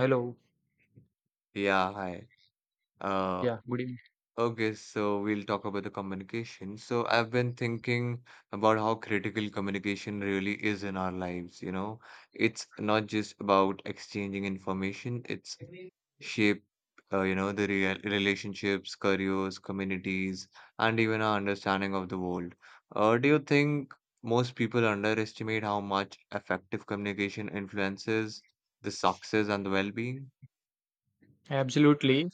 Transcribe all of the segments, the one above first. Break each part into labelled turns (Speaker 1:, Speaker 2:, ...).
Speaker 1: Hello.
Speaker 2: Yeah, hi. Uh,
Speaker 1: Yeah, good
Speaker 2: okay, so we'll talk about the communication. So I've been thinking about how critical communication really is in our lives. It's not just about exchanging information, it's
Speaker 1: evening.
Speaker 2: shape, the real relationships, careers, communities, and even our understanding of the world. Do you think most people underestimate how much effective communication influences the success and the well-being?
Speaker 1: Absolutely.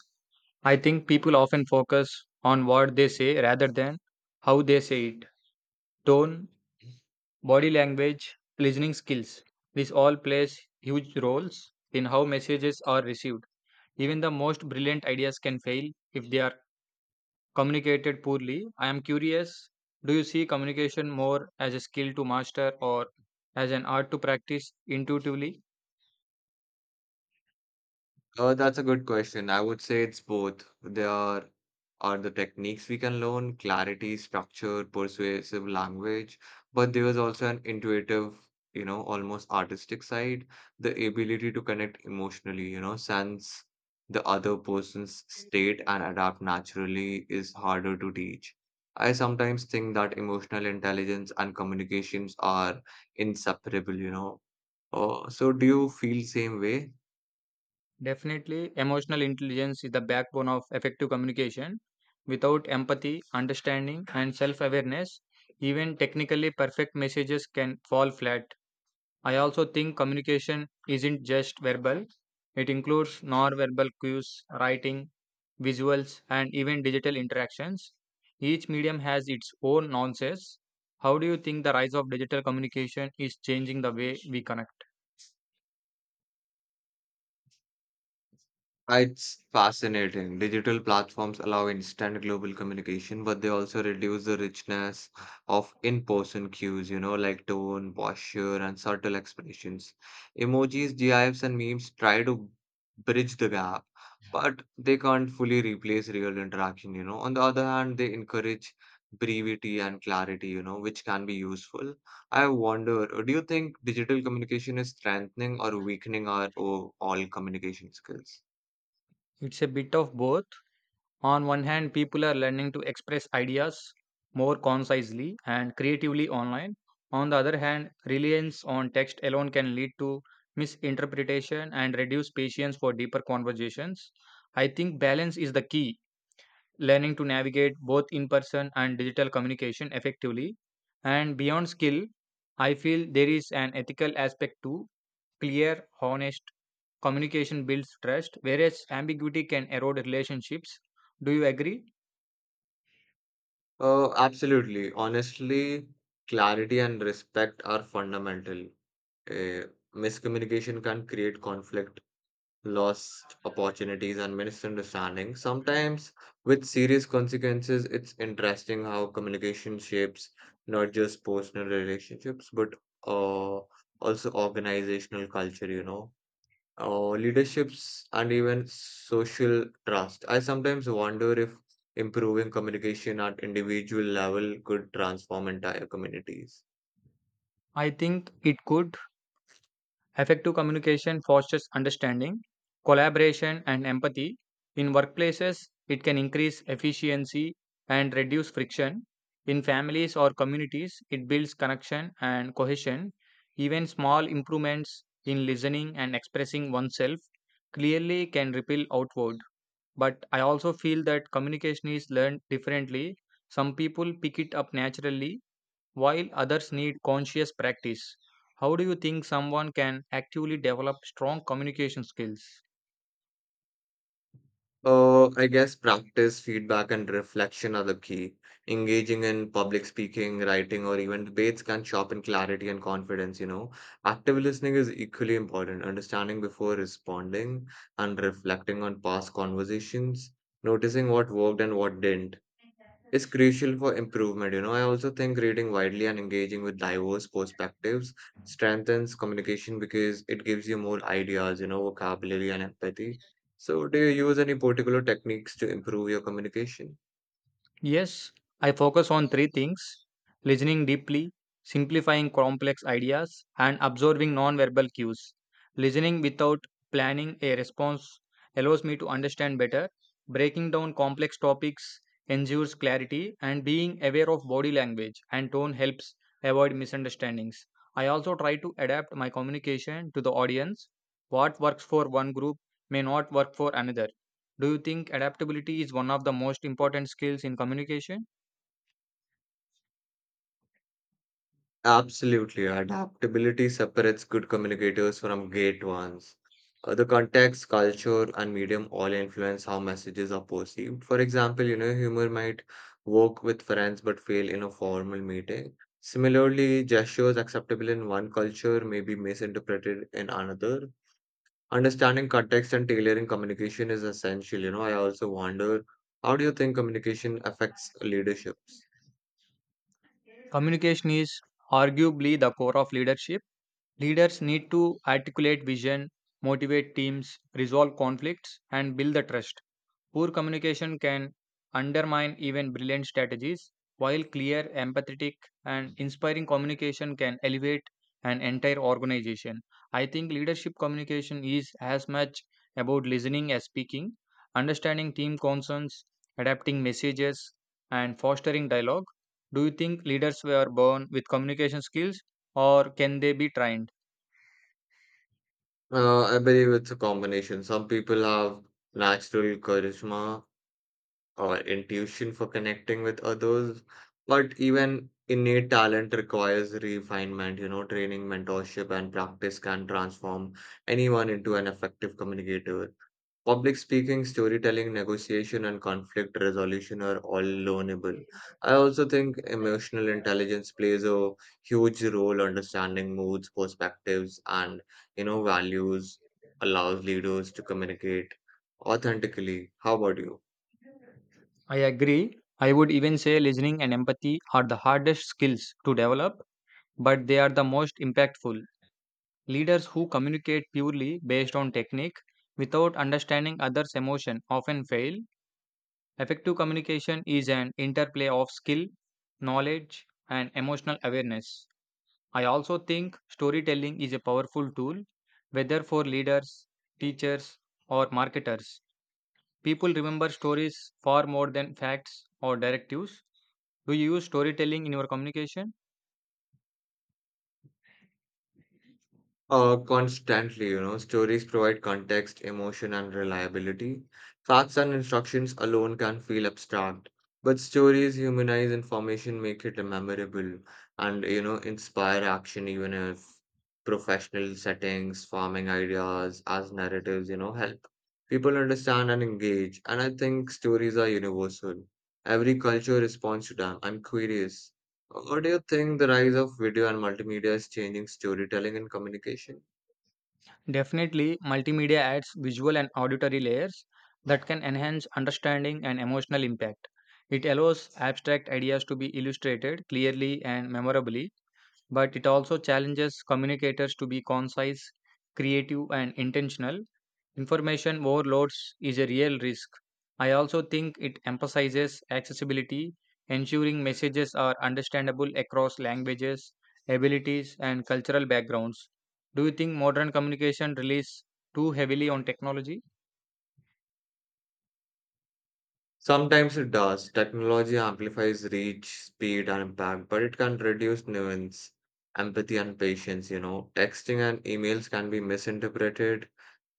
Speaker 1: I think people often focus on what they say rather than how they say it. Tone, body language, listening skills. This all plays huge roles in how messages are received. Even the most brilliant ideas can fail if they are communicated poorly. I am curious, do you see communication more as a skill to master or as an art to practice intuitively?
Speaker 2: Oh, that's a good question. I would say it's both. There are the techniques we can learn, clarity, structure, persuasive language, but there is also an intuitive, almost artistic side, the ability to connect emotionally, sense the other person's state and adapt naturally is harder to teach. I sometimes think that emotional intelligence and communications are inseparable. Oh, so do you feel same way?
Speaker 1: Definitely, emotional intelligence is the backbone of effective communication. Without empathy, understanding, and self awareness, even technically perfect messages can fall flat. I also think communication isn't just verbal, it includes non-verbal cues, writing, visuals, and even digital interactions. Each medium has its own nuances. How do you think the rise of digital communication is changing the way we connect?
Speaker 2: Ah, it's fascinating. Digital platforms allow instant global communication, but they also reduce the richness of in-person cues, like tone, posture, and subtle expressions. Emojis, GIFs, and memes try to bridge the gap, but they can't fully replace real interaction. On the other hand, they encourage brevity and clarity, which can be useful. I wonder, do you think digital communication is strengthening or weakening our overall communication skills?
Speaker 1: It's a bit of both. On one hand, people are learning to express ideas more concisely and creatively online. On the other hand, reliance on text alone can lead to misinterpretation and reduce patience for deeper conversations. I think balance is the key, learning to navigate both in person and digital communication effectively. And beyond skill, I feel there is an ethical aspect too. Clear, honest communication builds trust, whereas ambiguity can erode relationships. Do you agree?
Speaker 2: Oh, absolutely. Honestly, clarity and respect are fundamental. Eh, miscommunication can create conflict, lost opportunities, and misunderstanding. Sometimes, with serious consequences, it's interesting how communication shapes not just personal relationships, but uh, also organizational culture. Or leaderships and even social trust. I sometimes wonder if improving communication at individual level could transform entire communities.
Speaker 1: I think it could. Effective communication fosters understanding, collaboration, and empathy. In workplaces, it can increase efficiency and reduce friction. In families or communities, it builds connection and cohesion. Even small improvements in listening and expressing oneself clearly can ripple outward. But I also feel that communication is learned differently. Some people pick it up naturally, while others need conscious practice. How do you think someone can actively develop strong communication skills?
Speaker 2: I guess practice, feedback, and reflection are the key. Engaging in public speaking, writing, or even debates can sharpen clarity and confidence. Active listening is equally important, understanding before responding and reflecting on past conversations, noticing what worked and what didn't is crucial for improvement. I also think reading widely and engaging with diverse perspectives strengthens communication because it gives you more ideas, vocabulary and empathy. So, do you use any particular techniques to improve your communication?
Speaker 1: Yes, I focus on three things: listening deeply, simplifying complex ideas, and absorbing non-verbal cues. Listening without planning a response allows me to understand better. Breaking down complex topics ensures clarity, and being aware of body language and tone helps avoid misunderstandings. I also try to adapt my communication to the audience. What works for one group may not work for another. Do you think adaptability is one of the most important skills in communication?
Speaker 2: Absolutely. Adaptability separates good communicators from great ones. The context, culture, and medium all influence how messages are perceived. For example, humor might work with friends but fail in a formal meeting. Similarly, gestures acceptable in one culture may be misinterpreted in another. Understanding context and tailoring communication is essential. I also wonder, how do you think communication affects leaderships?
Speaker 1: Communication is arguably the core of leadership. Leaders need to articulate vision, motivate teams, resolve conflicts, and build the trust. Poor communication can undermine even brilliant strategies, while clear, empathetic, and inspiring communication can elevate an entire organization. I think leadership communication is as much about listening as speaking, understanding team concerns, adapting messages, and fostering dialogue. Do you think leaders were born with communication skills or can they be trained?
Speaker 2: I believe it's a combination. Some people have natural charisma or intuition for connecting with others, but even innate talent requires refinement. Training, mentorship, and practice can transform anyone into an effective communicator. Public speaking, storytelling, negotiation, and conflict resolution are all learnable. I also think emotional intelligence plays a huge role. Understanding moods, perspectives, and values allows leaders to communicate authentically. How about you?
Speaker 1: I agree. I would even say listening and empathy are the hardest skills to develop, but they are the most impactful. Leaders who communicate purely based on technique without understanding others' emotion often fail. Effective communication is an interplay of skill, knowledge, and emotional awareness. I also think storytelling is a powerful tool, whether for leaders, teachers, or marketers. People remember stories far more than facts or directives. Do you use storytelling in your communication?
Speaker 2: Constantly, stories provide context, emotion, and reliability. Facts and instructions alone can feel abstract, but stories humanize information, make it memorable, and, inspire action even if professional settings, farming ideas as narratives, help people understand and engage. And I think stories are universal. Every culture responds to them. I'm curious. What do you think the rise of video and multimedia is changing storytelling and communication?
Speaker 1: Definitely, multimedia adds visual and auditory layers that can enhance understanding and emotional impact. It allows abstract ideas to be illustrated clearly and memorably, but it also challenges communicators to be concise, creative, and intentional. Information overloads is a real risk. I also think it emphasizes accessibility, ensuring messages are understandable across languages, abilities, and cultural backgrounds. Do you think modern communication relies too heavily on technology?
Speaker 2: Sometimes it does. Technology amplifies reach, speed, and impact, but it can reduce nuance, empathy, and patience. Texting and emails can be misinterpreted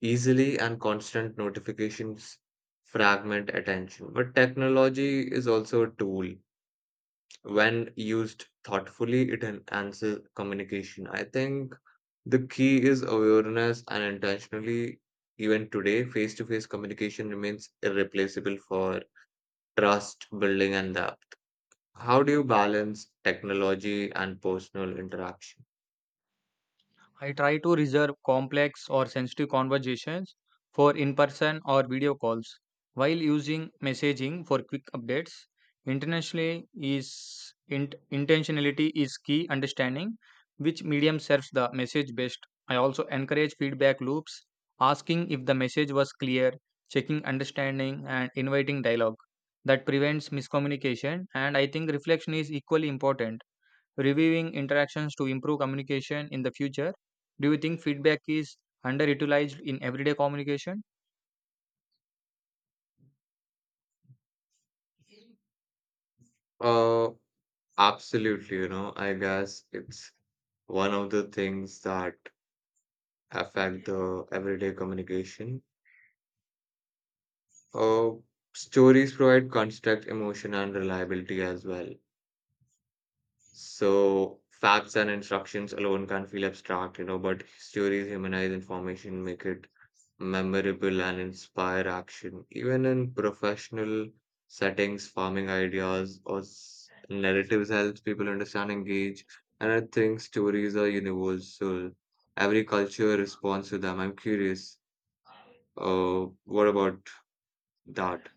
Speaker 2: easily, and constant notifications fragment attention. But technology is also a tool. When used thoughtfully, it enhances communication. I think the key is awareness and intentionally, even today, face to face communication remains irreplaceable for trust building and depth. How do you balance technology and personal interaction?
Speaker 1: I try to reserve complex or sensitive conversations for in person or video calls while using messaging for quick updates. Internationally is intentionality is key, understanding which medium serves the message best. I also encourage feedback loops, asking if the message was clear, checking understanding and inviting dialogue that prevents miscommunication. And I think reflection is equally important, reviewing interactions to improve communication in the future. Do you think feedback is underutilized in everyday communication?
Speaker 2: Uh, absolutely, I guess it's one of the things that affect the everyday communication. Uh, stories provide construct, emotion, and reliability as well. So facts and instructions alone can feel abstract, but stories humanize information, make it memorable, and inspire action. Even in professional settings, farming ideas or narratives helps people understand, engage, and I think stories are universal. Every culture responds to them. I'm curious, what about that?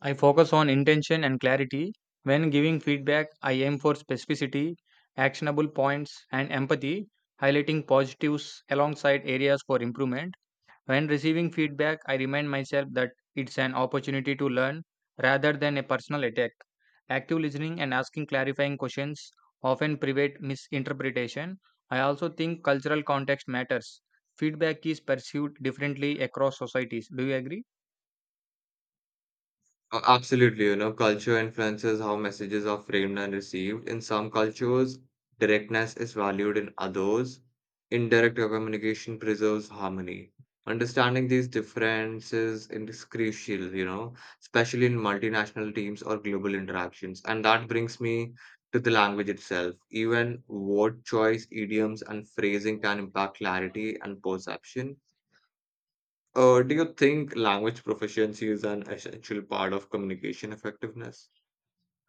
Speaker 1: I focus on intention and clarity. When giving feedback, I aim for specificity, actionable points, and empathy, highlighting positives alongside areas for improvement. When receiving feedback, I remind myself that it's an opportunity to learn rather than a personal attack. Active listening and asking clarifying questions often prevent misinterpretation. I also think cultural context matters. Feedback is perceived differently across societies. Do you agree?
Speaker 2: Absolutely, culture influences how messages are framed and received. In some cultures, directness is valued, in others, indirect communication preserves harmony. Understanding these differences is crucial, especially in multinational teams or global interactions. And that brings me to the language itself. Even word choice, idioms, and phrasing can impact clarity and perception. Do you think language proficiency is an essential part of communication effectiveness?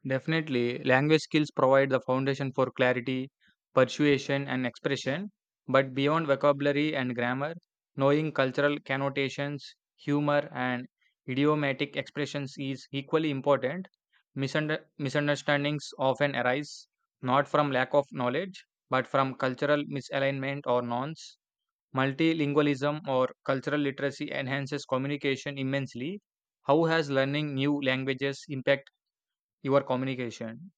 Speaker 1: Definitely, language skills provide the foundation for clarity, persuasion, and expression. But beyond vocabulary and grammar, knowing cultural connotations, humor, and idiomatic expressions is equally important. Misunderstandings often arise not from lack of knowledge, but from cultural misalignment or norms. Multilingualism or cultural literacy enhances communication immensely. How has learning new languages impact your communication?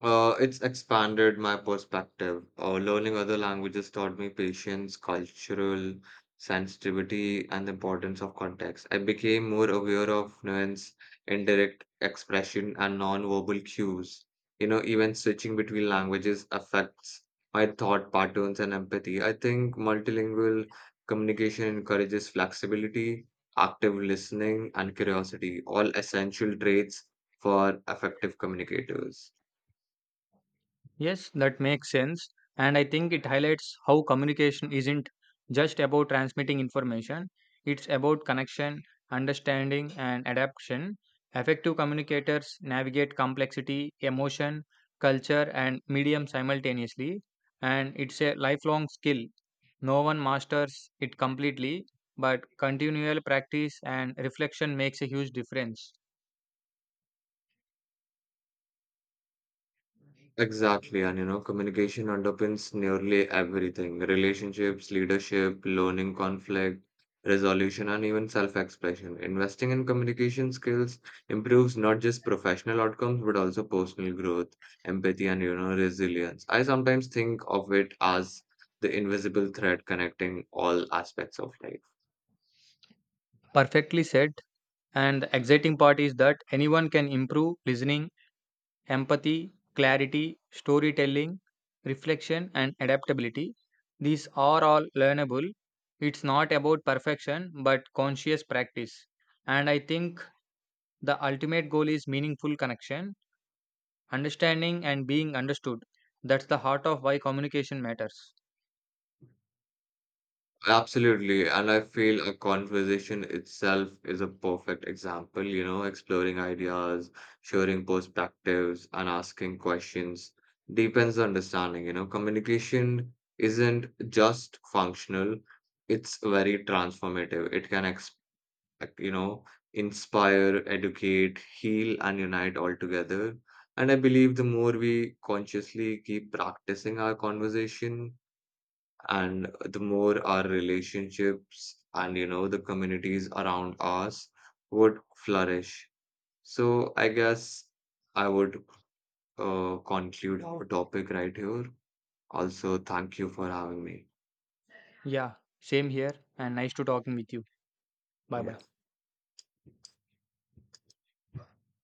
Speaker 2: It's expanded my perspective. Learning other languages taught me patience, cultural sensitivity, and the importance of context. I became more aware of nuance, indirect expression, and non-verbal cues. Even switching between languages affects my thought patterns and empathy. I think multilingual communication encourages flexibility, active listening, and curiosity, all essential traits for effective communicators.
Speaker 1: Yes, that makes sense. And I think it highlights how communication isn't just about transmitting information, it's about connection, understanding, and adaptation. Effective communicators navigate complexity, emotion, culture, and medium simultaneously. And it's a lifelong skill. No one masters it completely, but continual practice and reflection makes a huge difference.
Speaker 2: Exactly, and communication underpins nearly everything: relationships, leadership, learning, conflict resolution, and even self-expression. Investing in communication skills improves not just professional outcomes but also personal growth, empathy, and resilience. I sometimes think of it as the invisible thread connecting all aspects of life.
Speaker 1: Perfectly said. And the exciting part is that anyone can improve listening, empathy, clarity, storytelling, reflection, and adaptability. These are all learnable. It's not about perfection, but conscious practice. And I think the ultimate goal is meaningful connection, understanding, and being understood. That's the heart of why communication matters.
Speaker 2: Absolutely. And I feel a conversation itself is a perfect example, exploring ideas, sharing perspectives, and asking questions deepens the understanding. Communication isn't just functional, it's very transformative. It can expect, you know, inspire, educate, heal, and unite all together. And I believe the more we consciously keep practicing our conversation, and the more our relationships and the communities around us would flourish. So I guess I would, conclude our topic right here. Also thank you for having me.
Speaker 1: Yeah, same here. And nice to talking with you. Bye bye.
Speaker 2: Yeah.